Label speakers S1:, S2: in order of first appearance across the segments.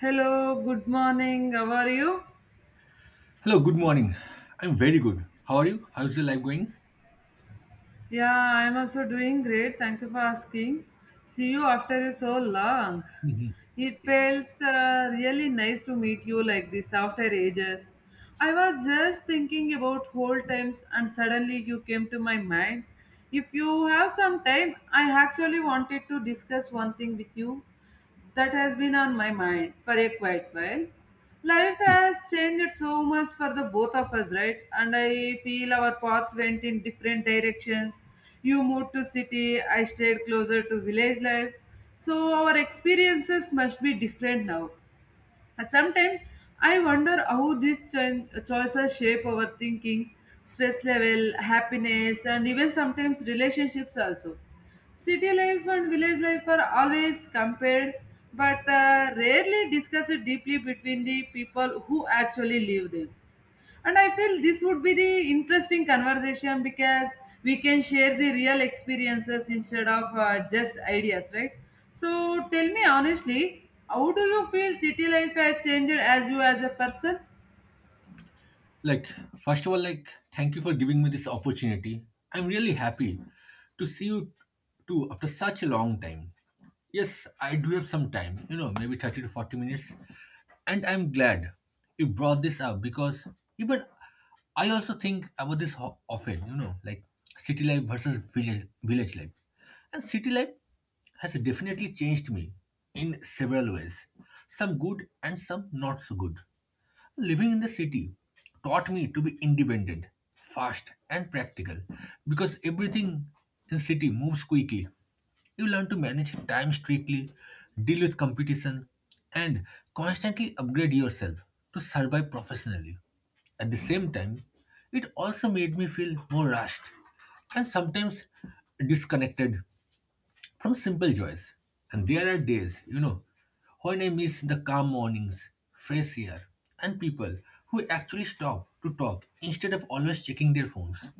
S1: Hello, good morning. How are you?
S2: Hello, good morning. I'm very good. How are you? How's your life going?
S1: Yeah, I'm also doing great. Thank you for asking. See you after so long.
S2: Mhm.
S1: It
S2: Yes.
S1: feels really nice to meet you like this after ages. I was just thinking about old times and suddenly you came to my mind. If you have some time, I actually wanted to discuss one thing with you that has been on my mind for a quite while. Life
S2: Yes.
S1: has changed so much for the both of us, right? And I feel our paths went in different directions. You moved to city, I stayed closer to village life. So our experiences must be different now. But sometimes I wonder how these choices shape our thinking, stress level, happiness, and even sometimes relationships also. City life and village life are always compared, but rarely discussed deeply between the people who actually live there. And I feel this would be the interesting conversation because we can share the real experiences instead of just ideas, right? So tell me honestly, how do you feel city life has changed as you as a person?
S2: like first of all, thank you for giving me this opportunity. I'm really happy to see you too after such a long time. Yes, I do have some time, you know, maybe 30 to 40 minutes, and I'm glad you brought this up because even I also think about this often, you know, like city life versus village life, and city life has definitely changed me in several ways, some good and some not so good. Living in the city taught me to be independent, fast, and practical because everything in city moves quickly. You learn to manage time strictly, deal with competition, and constantly upgrade yourself to survive professionally. At the same time, it also made me feel more rushed and sometimes disconnected from simple joys. And there are days, you know, when I miss the calm mornings, fresh air, and people who actually stop to talk instead of always checking their phones.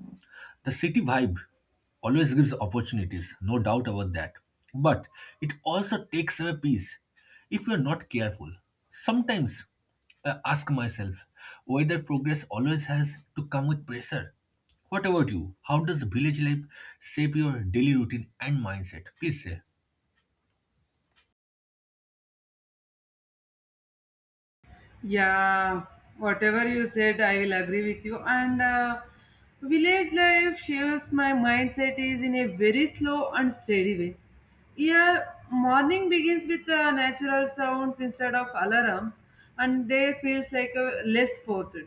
S2: The city vibe always gives opportunities, no doubt about that. But it also takes away peace if you're not careful. Sometimes I ask myself whether progress always has to come with pressure. What about you? How does village life shape your daily routine and mindset? Please say.
S1: Yeah, whatever you said, I will agree with you. And village life shapes my mindset is in a very slow and steady way. Here, morning begins with natural sounds instead of alarms, and day feels like less forced.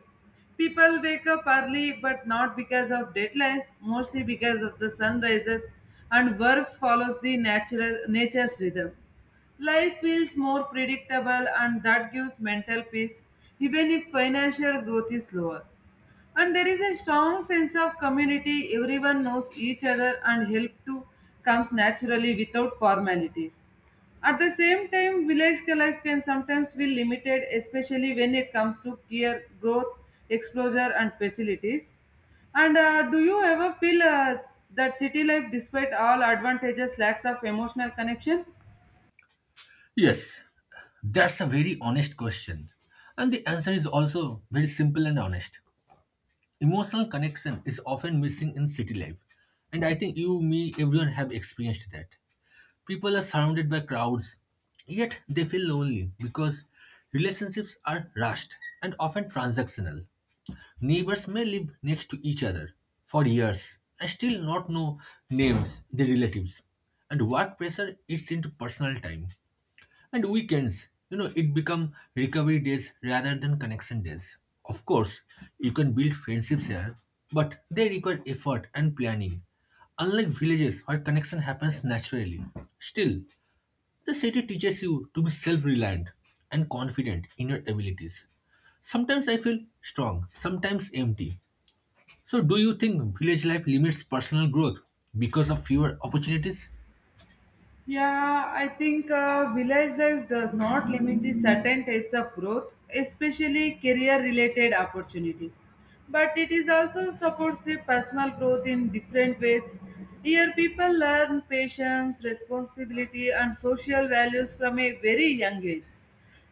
S1: People wake up early, but not because of deadlines, mostly because of the sun rises, and works follows the natural nature's rhythm. Life feels more predictable and that gives mental peace even if financial growth is lower. And there is a strong sense of community, everyone knows each other and help too comes naturally without formalities. At the same time, village life can sometimes feel limited, especially when it comes to peer growth, exposure, and facilities. And do you ever feel that city life, despite all advantages, lacks of emotional connection?
S2: Yes, that's a very honest question. And the answer is also very simple and honest. Emotional connection is often missing in city life. And I think you, me, everyone have experienced that. People are surrounded by crowds, yet they feel lonely because relationships are rushed and often transactional. Neighbors may live next to each other for years and still not know names, their relatives, and work pressure eats into personal time. And weekends, you know, it become recovery days rather than connection days. Of course, you can build friendships here, but they require effort and planning. Unlike villages where connection happens naturally. Still, the city teaches you to be self-reliant and confident in your abilities. Sometimes I feel strong, sometimes empty. So do you think village life limits personal growth because of fewer opportunities?
S1: Yeah, I think village life does not limit the certain types of growth, especially career related opportunities. But it is also supports the personal growth in different ways. Here, people learn patience, responsibility, and social values from a very young age.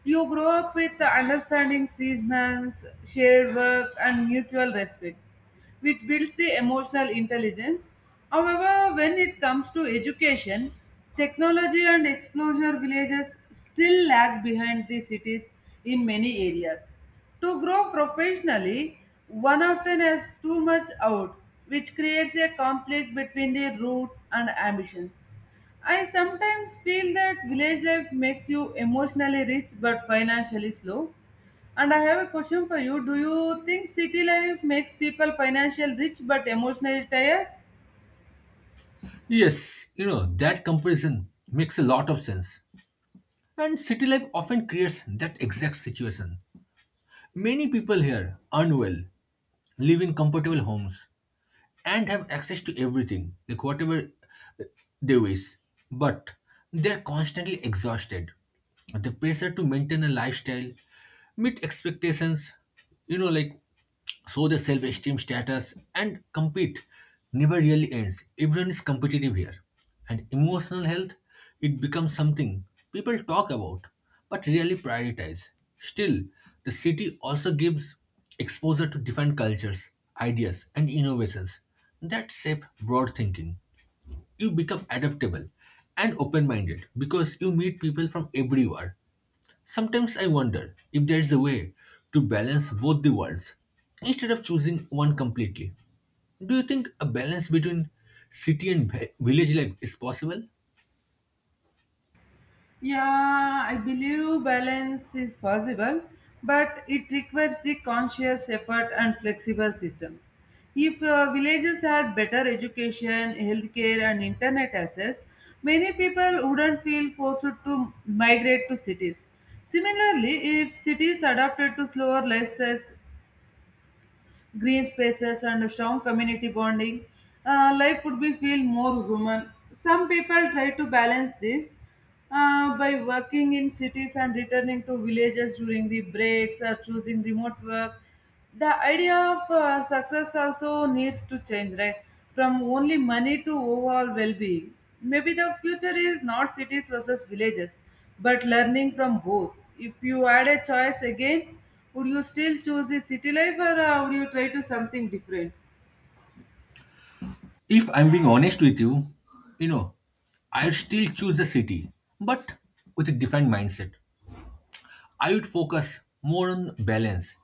S1: You grow up with the understanding seasons, shared work, and mutual respect, which builds the emotional intelligence. However, when it comes to education, technology and exposure villages still lag behind the cities in many areas. To grow professionally, one often has too much out, which creates a conflict between the roots and ambitions. I sometimes feel that village life makes you emotionally rich but financially slow. And I have a question for you. Do you think city life makes people financially rich but emotionally tired?
S2: Yes, you know, that comparison makes a lot of sense. And city life often creates that exact situation. Many people here earn well, live in comfortable homes, and have access to everything, like whatever uh, they wish. But they're constantly exhausted. The pressure to maintain a lifestyle, meet expectations, you know, like show the self esteem status and compete never really ends. Everyone is competitive here. And emotional health, it becomes something people talk about but really prioritize. Still, the city also gives exposure to different cultures, ideas, and innovations that shape broad thinking. You become adaptable and open minded because you meet people from everywhere. Sometimes I wonder if there is a way to balance both the worlds instead of choosing one completely. Do you think a balance between city and village life is possible?
S1: Yeah, I believe balance is possible, but it requires the conscious effort and flexible systems. If villages had better education, healthcare, and internet access, many people wouldn't feel forced to migrate to cities. Similarly, if cities adapted to slower lifestyles green spaces, and strong community bonding, life would be feel more human. Some people try to balance this by working in cities and returning to villages during the breaks or choosing remote work. The idea of success also needs to change, right? From only money to overall well being. Maybe the future is not cities versus villages but learning from both. If you had a choice again, would you still choose the city life or would you try to something different?
S2: If I'm being honest with you, you know, I still choose the city, but with a different mindset. I would focus more on balance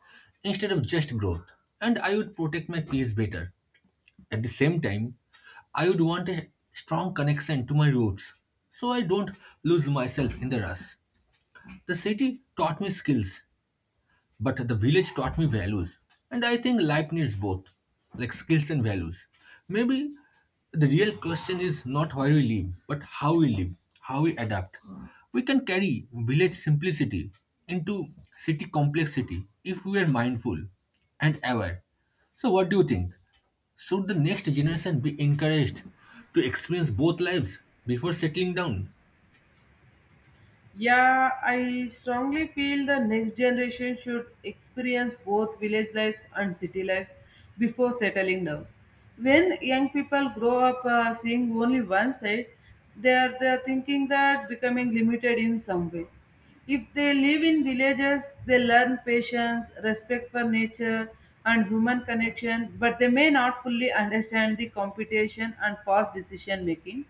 S2: instead of just growth, and I would protect my peace better. At the same time, I would want a strong connection to my roots so I don't lose myself in the rush. The city taught me skills but the village taught me values. And I think life needs both, like skills and values. Maybe the real question is not where we live, but how we live, how we adapt. We can carry village simplicity into city complexity if we are mindful and aware. So, what do you think? Should the next generation be encouraged to experience both lives before settling down?
S1: Yeah, I strongly feel the next generation should experience both village life and city life before settling down. When young people grow up seeing only one side, they are thinking that becoming limited in some way. If they live in villages, they learn patience, respect for nature, and human connection, but they may not fully understand the competition and fast decision making.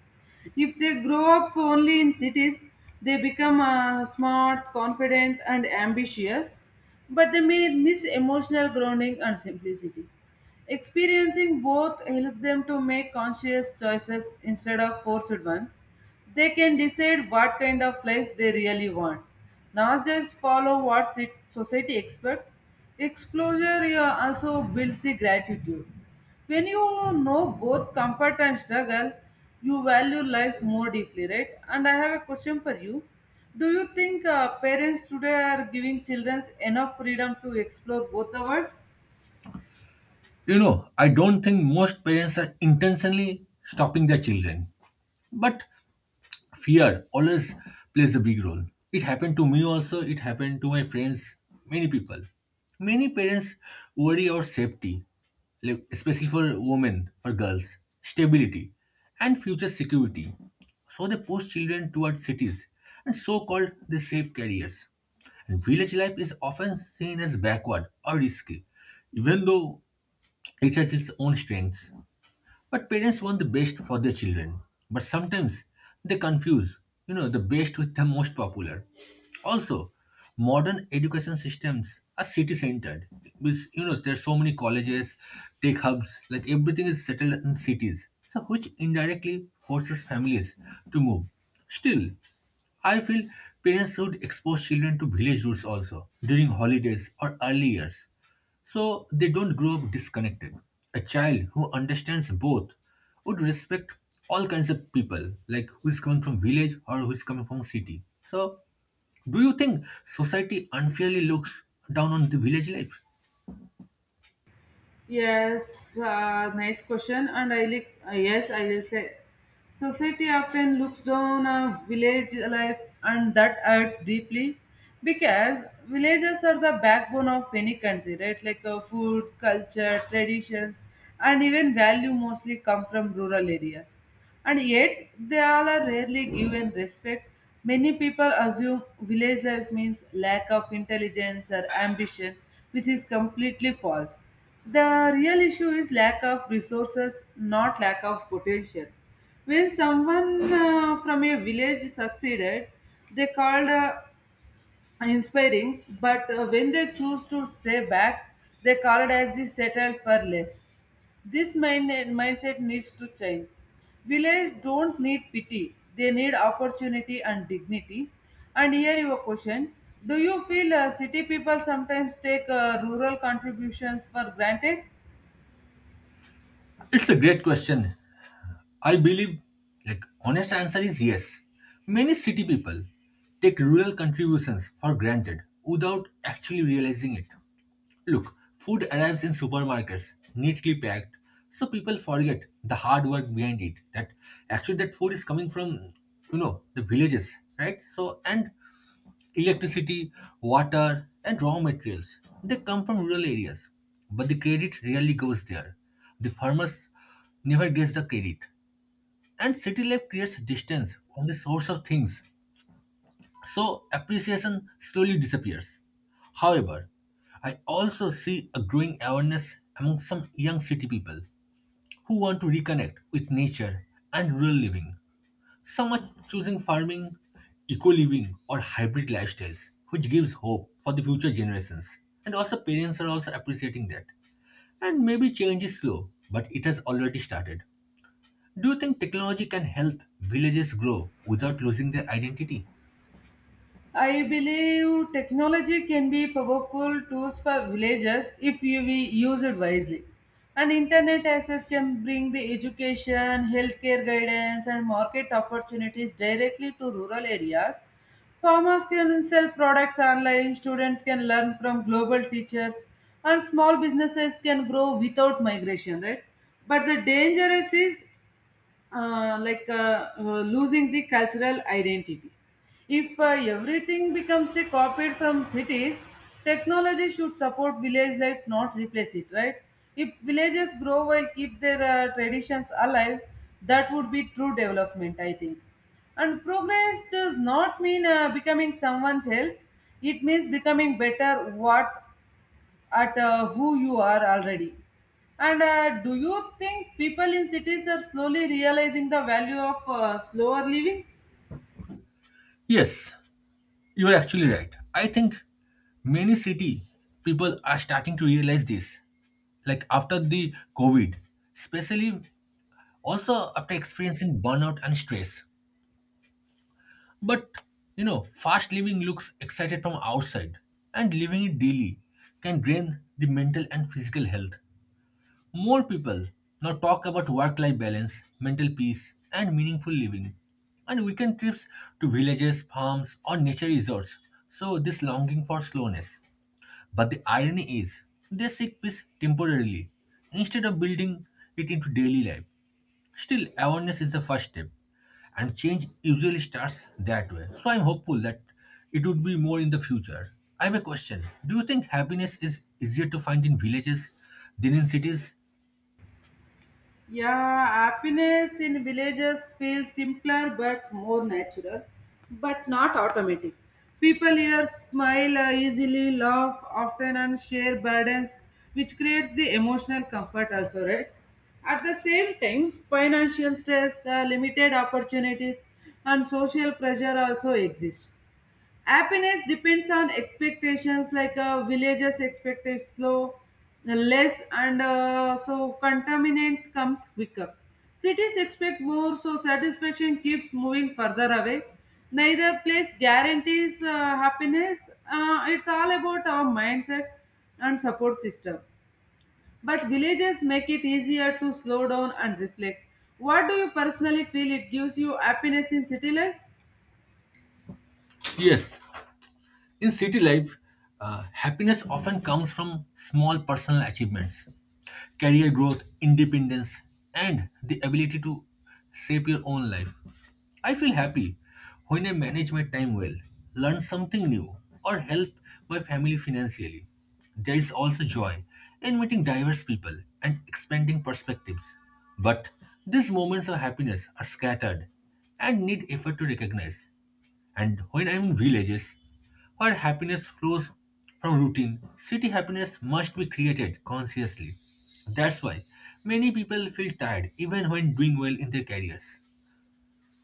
S1: If they grow up only in cities, they become smart, confident, and ambitious, but they may miss emotional grounding and simplicity. Experiencing both help them to make conscious choices instead of forced ones. They can decide what kind of life they really want, not just follow what society expects. Exposure also builds the gratitude. When you know both comfort and struggle, you value life more deeply, right? And I have a question for you. Do you think parents today are giving children enough freedom to explore both the worlds?
S2: You know, I don't think most parents are intentionally stopping their children. But fear always plays a big role. It happened to me also, it happened to my friends, many people. Many parents worry about safety, like especially for women, for girls, stability, and future security. So they push children towards cities and so called the safe careers. And village life is often seen as backward or risky, even though it has its own strengths. But parents want the best for their children. But sometimes they confuse, you know, the best with the most popular. Also, modern education systems are city-centered. With you know, there are so many colleges, tech hubs, like everything is settled in cities. So which indirectly forces families to move. Still, I feel parents should expose children to village roots also during holidays or early years. So they don't grow up disconnected. A child who understands both would respect all kinds of people, like who is coming from village or who is coming from city. So do you think society unfairly looks down on the village life?
S1: Yes, nice question. And I like, yes, I will say society often looks down on village life, and that hurts deeply because villages are the backbone of any country, right? Like food, culture, traditions, and even value mostly come from rural areas and yet they all are rarely given respect. Many people assume village life means lack of intelligence or ambition, which is completely false. The real issue is lack of resources, not lack of potential. When someone from a village succeeded, they called inspiring, but when they choose to stay back, they called as the settled for less. This mindset needs to change. Village don't need pity; they need opportunity and dignity. And here your question: do you feel city people sometimes take rural contributions for granted?
S2: It's a great question. I believe like honest answer is yes. Many city people take rural contributions for granted without actually realizing it. Look, food arrives in supermarkets, neatly packed, so people forget the hard work behind it. That actually that food is coming from, you know, the villages, right? So and electricity, water, and raw materials. They come from rural areas. But the credit rarely goes there. The farmers never gets the credit. And city life creates distance from the source of things so appreciation slowly disappears. However, I also see a growing awareness among some young city people who want to reconnect with nature and rural living. Some are choosing farming, eco living, or hybrid lifestyles, which gives hope for the future generations. And also, parents are also appreciating that. And maybe change is slow, but it has already started. Do you think technology can help villages grow without losing their identity?
S1: I believe technology can be powerful tools for villagers if you we use it wisely. And internet access can bring the education, healthcare guidance, and market opportunities directly to rural areas. Farmers can sell products online, students can learn from global teachers, and small businesses can grow without migration, right? But the danger is losing the cultural identity. If everything becomes a copied from cities, technology should support village life, not replace it, right? If villages grow while keep their traditions alive, that would be true development, I think. And progress does not mean becoming someone else. It means becoming better what at who you are already. And do you think people in cities are slowly realizing the value of slower living?
S2: Yes, you're actually right. I think many city people are starting to realize this. Like after the COVID, especially also after experiencing burnout and stress. But you know, fast living looks excited from outside and living it daily can drain the mental and physical health. More people now talk about work life balance, mental peace, and meaningful living, and weekend trips to villages, farms, or nature resorts. So, this longing for slowness. But the irony is, they seek peace temporarily instead of building it into daily life. Still, awareness is the first step, and change usually starts that way. So, I'm hopeful that it would be more in the future. I have a question. Do you think happiness is easier to find in villages than in cities?
S1: Yeah, happiness in villages feels simpler but more natural, but not automatic. People here smile easily, laugh often, and share burdens, which creates the emotional comfort also, right? At the same time, financial stress, limited opportunities, and social pressure also exist. Happiness depends on expectations, like villagers expect it slow, less, and so contaminant comes quicker. Cities expect more, so satisfaction keeps moving further away. Neither place guarantees happiness. It's all about our mindset and support system, but villages make it easier to slow down and reflect. What do you personally feel it gives you happiness in city life?
S2: Yes, in city life, happiness often comes from small personal achievements, career growth, independence, and the ability to shape your own life. I feel happy when I manage my time well, learn something new, or help my family financially. There is also joy in meeting diverse people and expanding perspectives. But these moments of happiness are scattered and need effort to recognize. And when I'm in villages, where happiness flows from routine, city happiness must be created consciously. That's why many people feel tired even when doing well in their careers.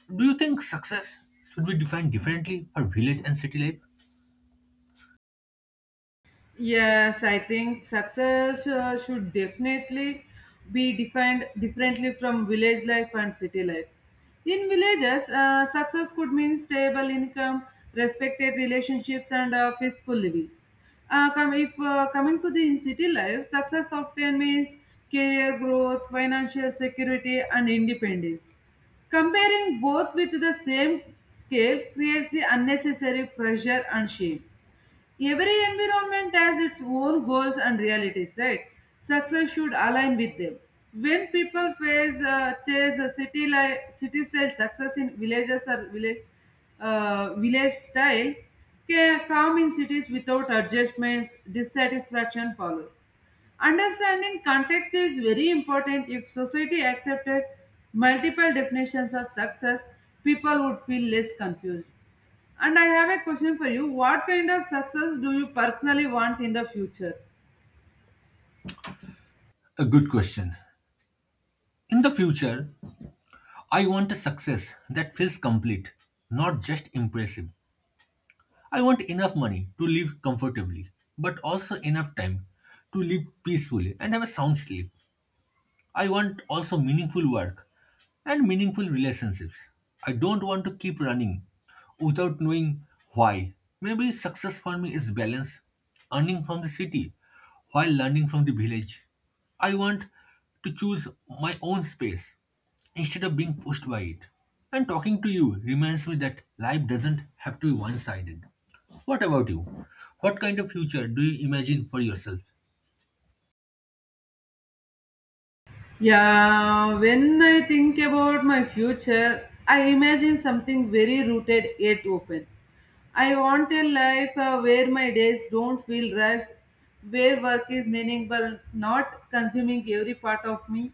S2: Do you think success should be defined differently for village and city life?
S1: Yes, I think success should definitely be defined differently from village life and city life. In villages, success could mean stable income, respected relationships, and a peaceful living. Come, if coming to the in city life, success often means career growth, financial security, and independence. Comparing both with the same scale creates the unnecessary pressure and shame. Every environment has its own goals and realities, right? Success should align with them. When people face chase a city like city style success in villages or village style, calm in cities without adjustments, dissatisfaction follows. Understanding context is very important. If society accepted multiple definitions of success, people would feel less confused. And I have a question for you. What kind of success do you personally want in the future?
S2: A good question. In the future, I want a success that feels complete, not just impressive. I want enough money to live comfortably, but also enough time to live peacefully and have a sound sleep. I want also meaningful work and meaningful relationships. I don't want to keep running without knowing why. Maybe success for me is balance, earning from the city while learning from the village. I want to choose my own space instead of being pushed by it. And talking to you reminds me that life doesn't have to be one sided. What about you? What kind of future do you imagine for yourself?
S1: Yeah, when I think about my future, I imagine something very rooted yet open. I want a life where my days don't feel rushed, where work is meaningful, not consuming every part of me.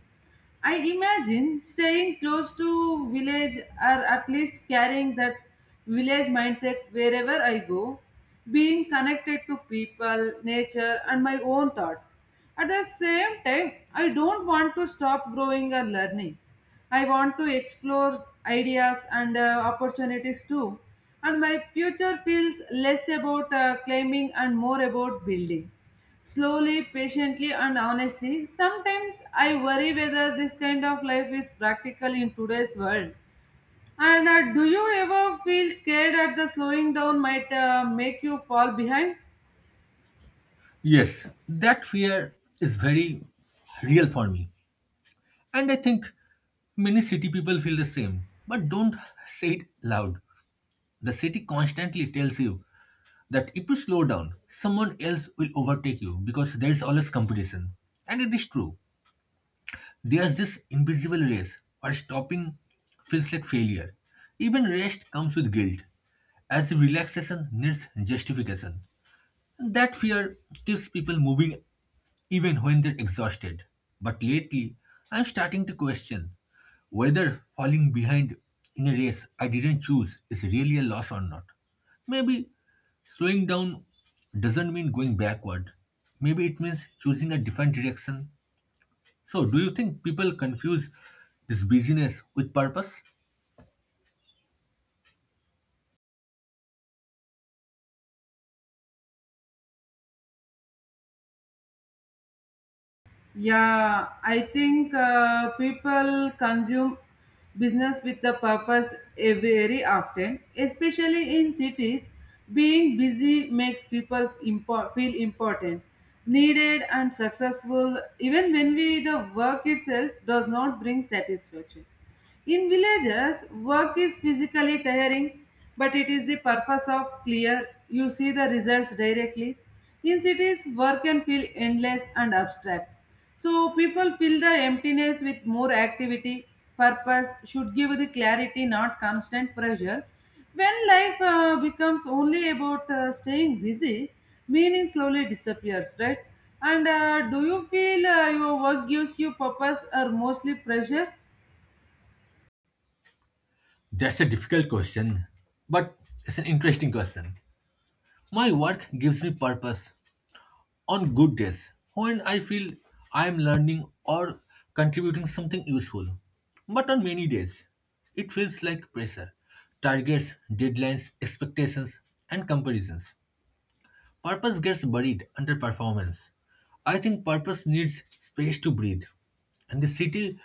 S1: I imagine staying close to village or at least carrying that village mindset wherever I go, being connected to people, nature, and my own thoughts. At the same time, I don't want to stop growing or learning. I want to explore ideas and opportunities too. And my future feels less about climbing and more about building. Slowly, patiently, and honestly, sometimes I worry whether this kind of life is practical in today's world. And do you ever feel scared that the slowing down might make you fall behind?
S2: Yes, that fear is very real for me. And I think many city people feel the same, but don't say it loud. The city constantly tells you that if you slow down, someone else will overtake you because there is always competition. And it is true. There's this invisible race where stopping feels like failure. Even rest comes with guilt, as relaxation needs justification. And that fear keeps people moving even when they're exhausted. But lately, I'm starting to question whether falling behind in a race I didn't choose is really a loss or not. Maybe slowing down doesn't mean going backward. Maybe it means choosing a different direction. So, do you think people confuse this busyness with purpose?
S1: Yeah, I think people consume business with the purpose very often, especially in cities. Being busy makes people feel important, needed, and successful, even when we the work itself does not bring satisfaction. In villages, work is physically tiring, but it is the purpose of clear. You see the results directly. In cities, work can feel endless and abstract. So people fill the emptiness with more activity. Purpose should give the clarity, not constant pressure. When life becomes only about staying busy, meaning slowly disappears, right? And do you feel your work gives you purpose or mostly pressure?
S2: That's a difficult question, but it's an interesting question. My work gives me purpose, on good days when I feel I am learning or contributing something useful. But on many days, it feels like pressure, targets, deadlines, expectations, and comparisons. Purpose gets buried under performance. I think purpose needs space to breathe. And the city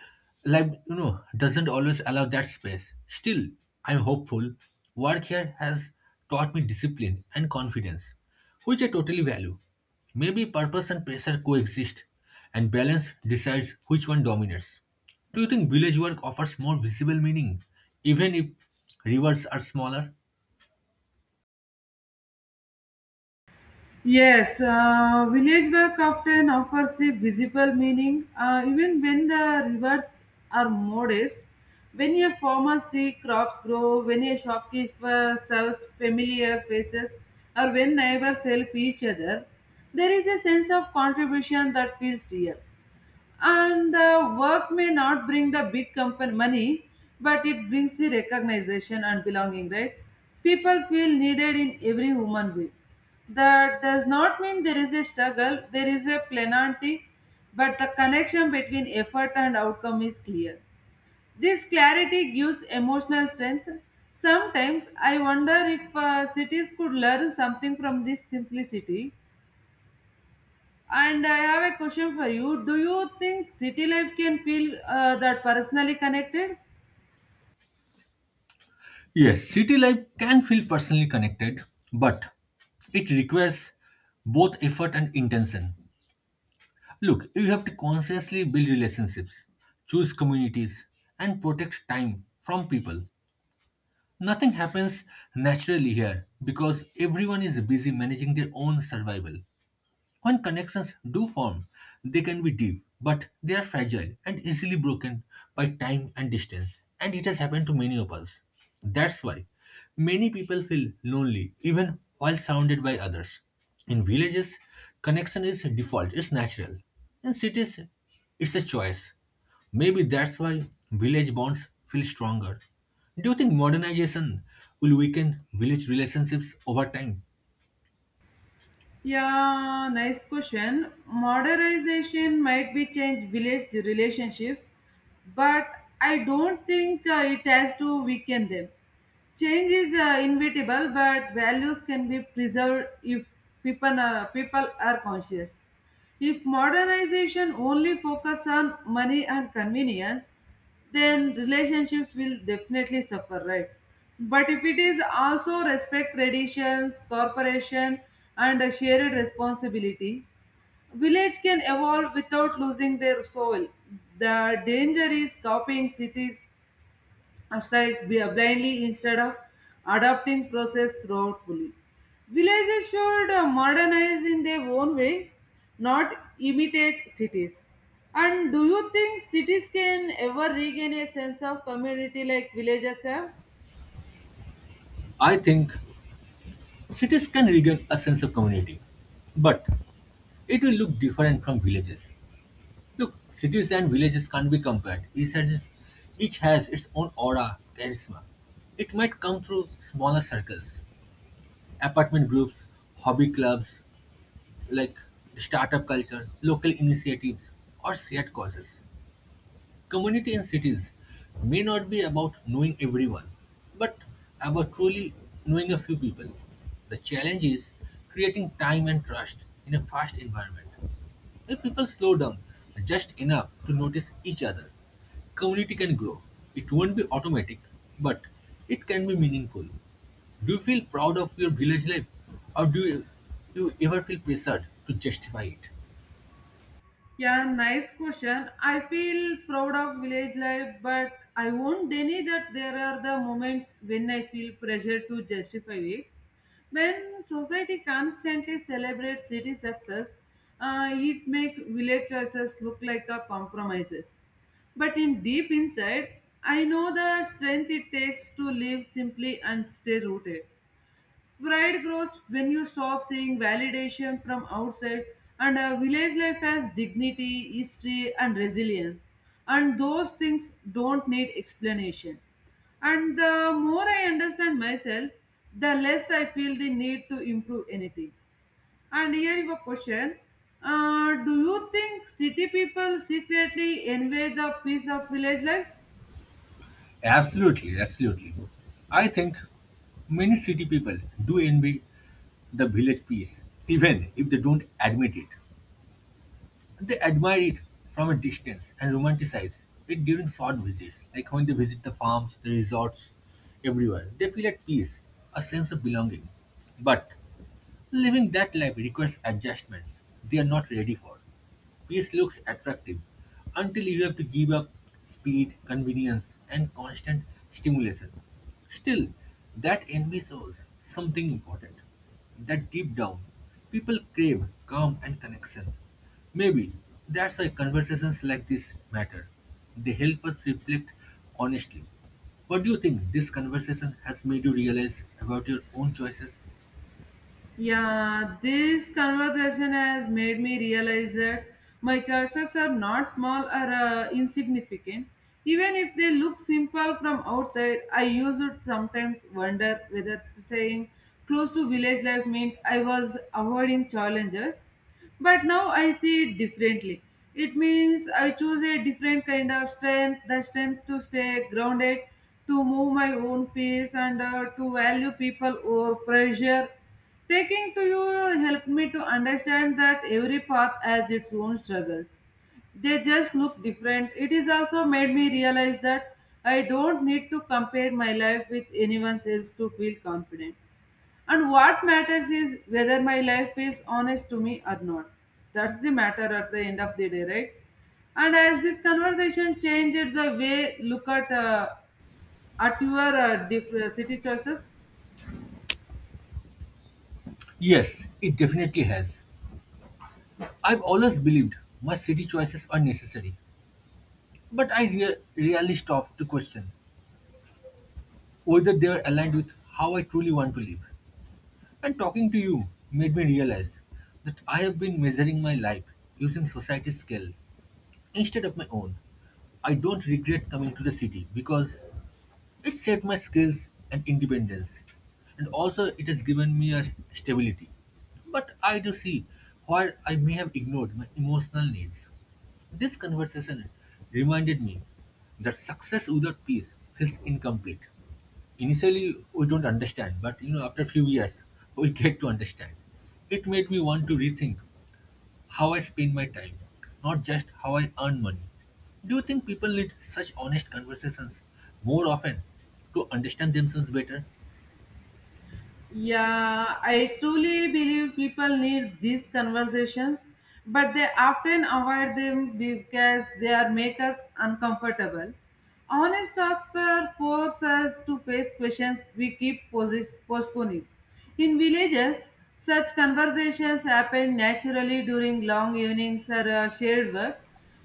S2: life, you know, doesn't always allow that space. Still, I'm hopeful. Work here has taught me discipline and confidence, which I totally value. Maybe purpose and pressure coexist, and balance decides which one dominates. Do you think village work offers more visible meaning, even if rewards are smaller?
S1: Yes, village work often offers a visible meaning even when the rewards are modest. When a farmer sees crops grow, when a shopkeeper serves familiar faces, or when neighbors help each other, there is a sense of contribution that feels real, and the work may not bring the big company money, but it brings the recognition and belonging, right? People feel needed in every human way. That does not mean there is a struggle; there is a plenty, but the connection between effort and outcome is clear. This clarity gives emotional strength. Sometimes I wonder if cities could learn something from this simplicity. And I have a question for you. Do you think city life can feel that personally connected?
S2: Yes, city life can feel personally connected, but it requires both effort and intention. Look, you have to consciously build relationships, choose communities, and protect time from people. Nothing happens naturally here because everyone is busy managing their own survival. When connections do form, they can be deep, but they are fragile and easily broken by time and distance. And it has happened to many of us. That's why many people feel lonely even while surrounded by others. In villages, connection is default, it's natural. In cities, it's a choice. Maybe that's why village bonds feel stronger. Do you think modernization will weaken village relationships over time?
S1: Yeah, nice question. Modernization might be change village relationships, but I don't think it has to weaken them. Change is inevitable, but values can be preserved if people are conscious. If modernization only focuses on money and convenience, then relationships will definitely suffer, right? But if it is also respect traditions, cooperation, and a shared responsibility, village can evolve without losing their soul. The danger is copying cities styles blindly instead of adopting process throughout fully. Villages should modernize in their own way, not imitate cities. And do you think cities can ever regain a sense of community like villages have?
S2: I think cities can regain a sense of community, but it will look different from villages. Look, cities and villages can't be compared. Each has its own aura, charisma. It might come through smaller circles, apartment groups, hobby clubs, like startup culture, local initiatives, or shared causes. Community in cities may not be about knowing everyone, but about truly knowing a few people. The challenge is creating time and trust in a fast environment. If people slow down just enough to notice each other, community can grow. It won't be automatic, but it can be meaningful. Do you feel proud of your village life or do you ever feel pressured to justify it?
S1: Yeah, nice question. I feel proud of village life, but I won't deny that there are the moments when I feel pressure to justify it. When society constantly celebrates city success, it makes village choices look like a compromises. But in deep inside, I know the strength it takes to live simply and stay rooted. Pride grows when you stop seeing validation from outside, and a village life has dignity, history, and resilience. And those things don't need explanation. And the more I understand myself, the less I feel the need to improve anything. And here is a question. Do you think city people secretly envy the peace of village life?
S2: Absolutely, absolutely. I think many city people do envy the village peace, even if they don't admit it. They admire it from a distance and romanticize it during short visits, like when they visit the farms, the resorts, everywhere. They feel at peace, a sense of belonging. But living that life requires adjustments they are not ready for. Peace looks attractive until you have to give up speed, convenience, and constant stimulation. Still, that envy shows something important that deep down, people crave calm and connection. Maybe that's why conversations like this matter. They help us reflect honestly. What do you think this conversation has made you realize about your own choices?
S1: Yeah, this conversation has made me realize that my choices are not small or insignificant. Even if they look simple from outside, I used to sometimes wonder whether staying close to village life meant I was avoiding challenges. But now I see it differently. It means I choose a different kind of strength, the strength to stay grounded, to move my own pace, and to value people over pressure. Taking to you helped me to understand that every path has its own struggles. They just look different. It is also made me realize that I don't need to compare my life with anyone else to feel confident. And what matters is whether my life is honest to me or not. That's the matter at the end of the day, right? And as this conversation changed the way look at your different city choices.
S2: Yes, it definitely has. I've always believed my city choices are necessary, but I rarely stop to question whether they are aligned with how I truly want to live. And talking to you made me realize that I have been measuring my life using society's scale instead of my own. I don't regret coming to the city because it saved my skills and independence, and also it has given me a stability. But I do see where I may have ignored my emotional needs. This conversation reminded me that success without peace feels incomplete. Initially, we don't understand, but you know, after a few years, we get to understand. It made me want to rethink how I spend my time, not just how I earn money. Do you think people need such honest conversations more often to understand themselves better?
S1: Yeah, I truly believe people need these conversations, but they often avoid them because they are make us uncomfortable. Honest talks were force us to face questions we keep postponing. In villages, such conversations happen naturally during long evenings or shared work.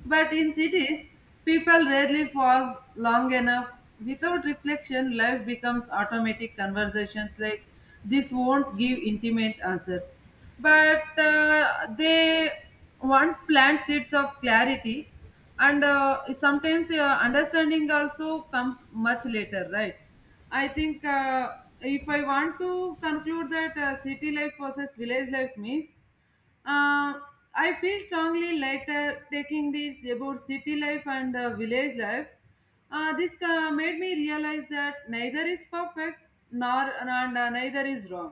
S1: But in cities, people rarely pause long enough. Without reflection, life becomes automatic. Conversations like this won't give intimate answers. But they want plant seeds of clarity, and sometimes understanding also comes much later, right? I think if I want to conclude that city life versus village life means uh, I feel strongly later taking this about city life and village life. This made me realize that neither is perfect nor and neither is wrong.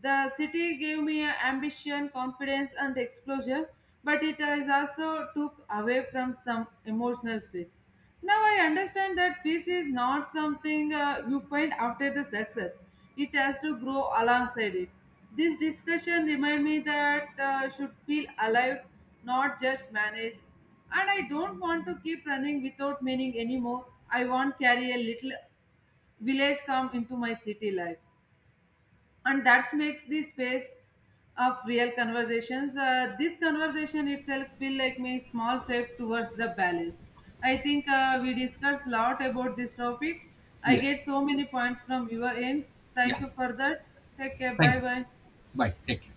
S1: The city gave me ambition, confidence, and exposure, but it has also took away from some emotional space. Now I understand that peace is not something you find after the success. It has to grow alongside it. This discussion remind me that should feel alive, not just managed. And I don't want to keep running without meaning anymore. I want carry a little village come into my city life, and that's make the space of real conversations. This conversation itself feel like my small step towards the balance. I think we discussed a lot about this topic. I
S2: Yes.
S1: get so many points from your end. Thank
S2: Yeah.
S1: you for that. Take care.
S2: Thank
S1: Bye
S2: you.
S1: bye.
S2: Bye. Take care.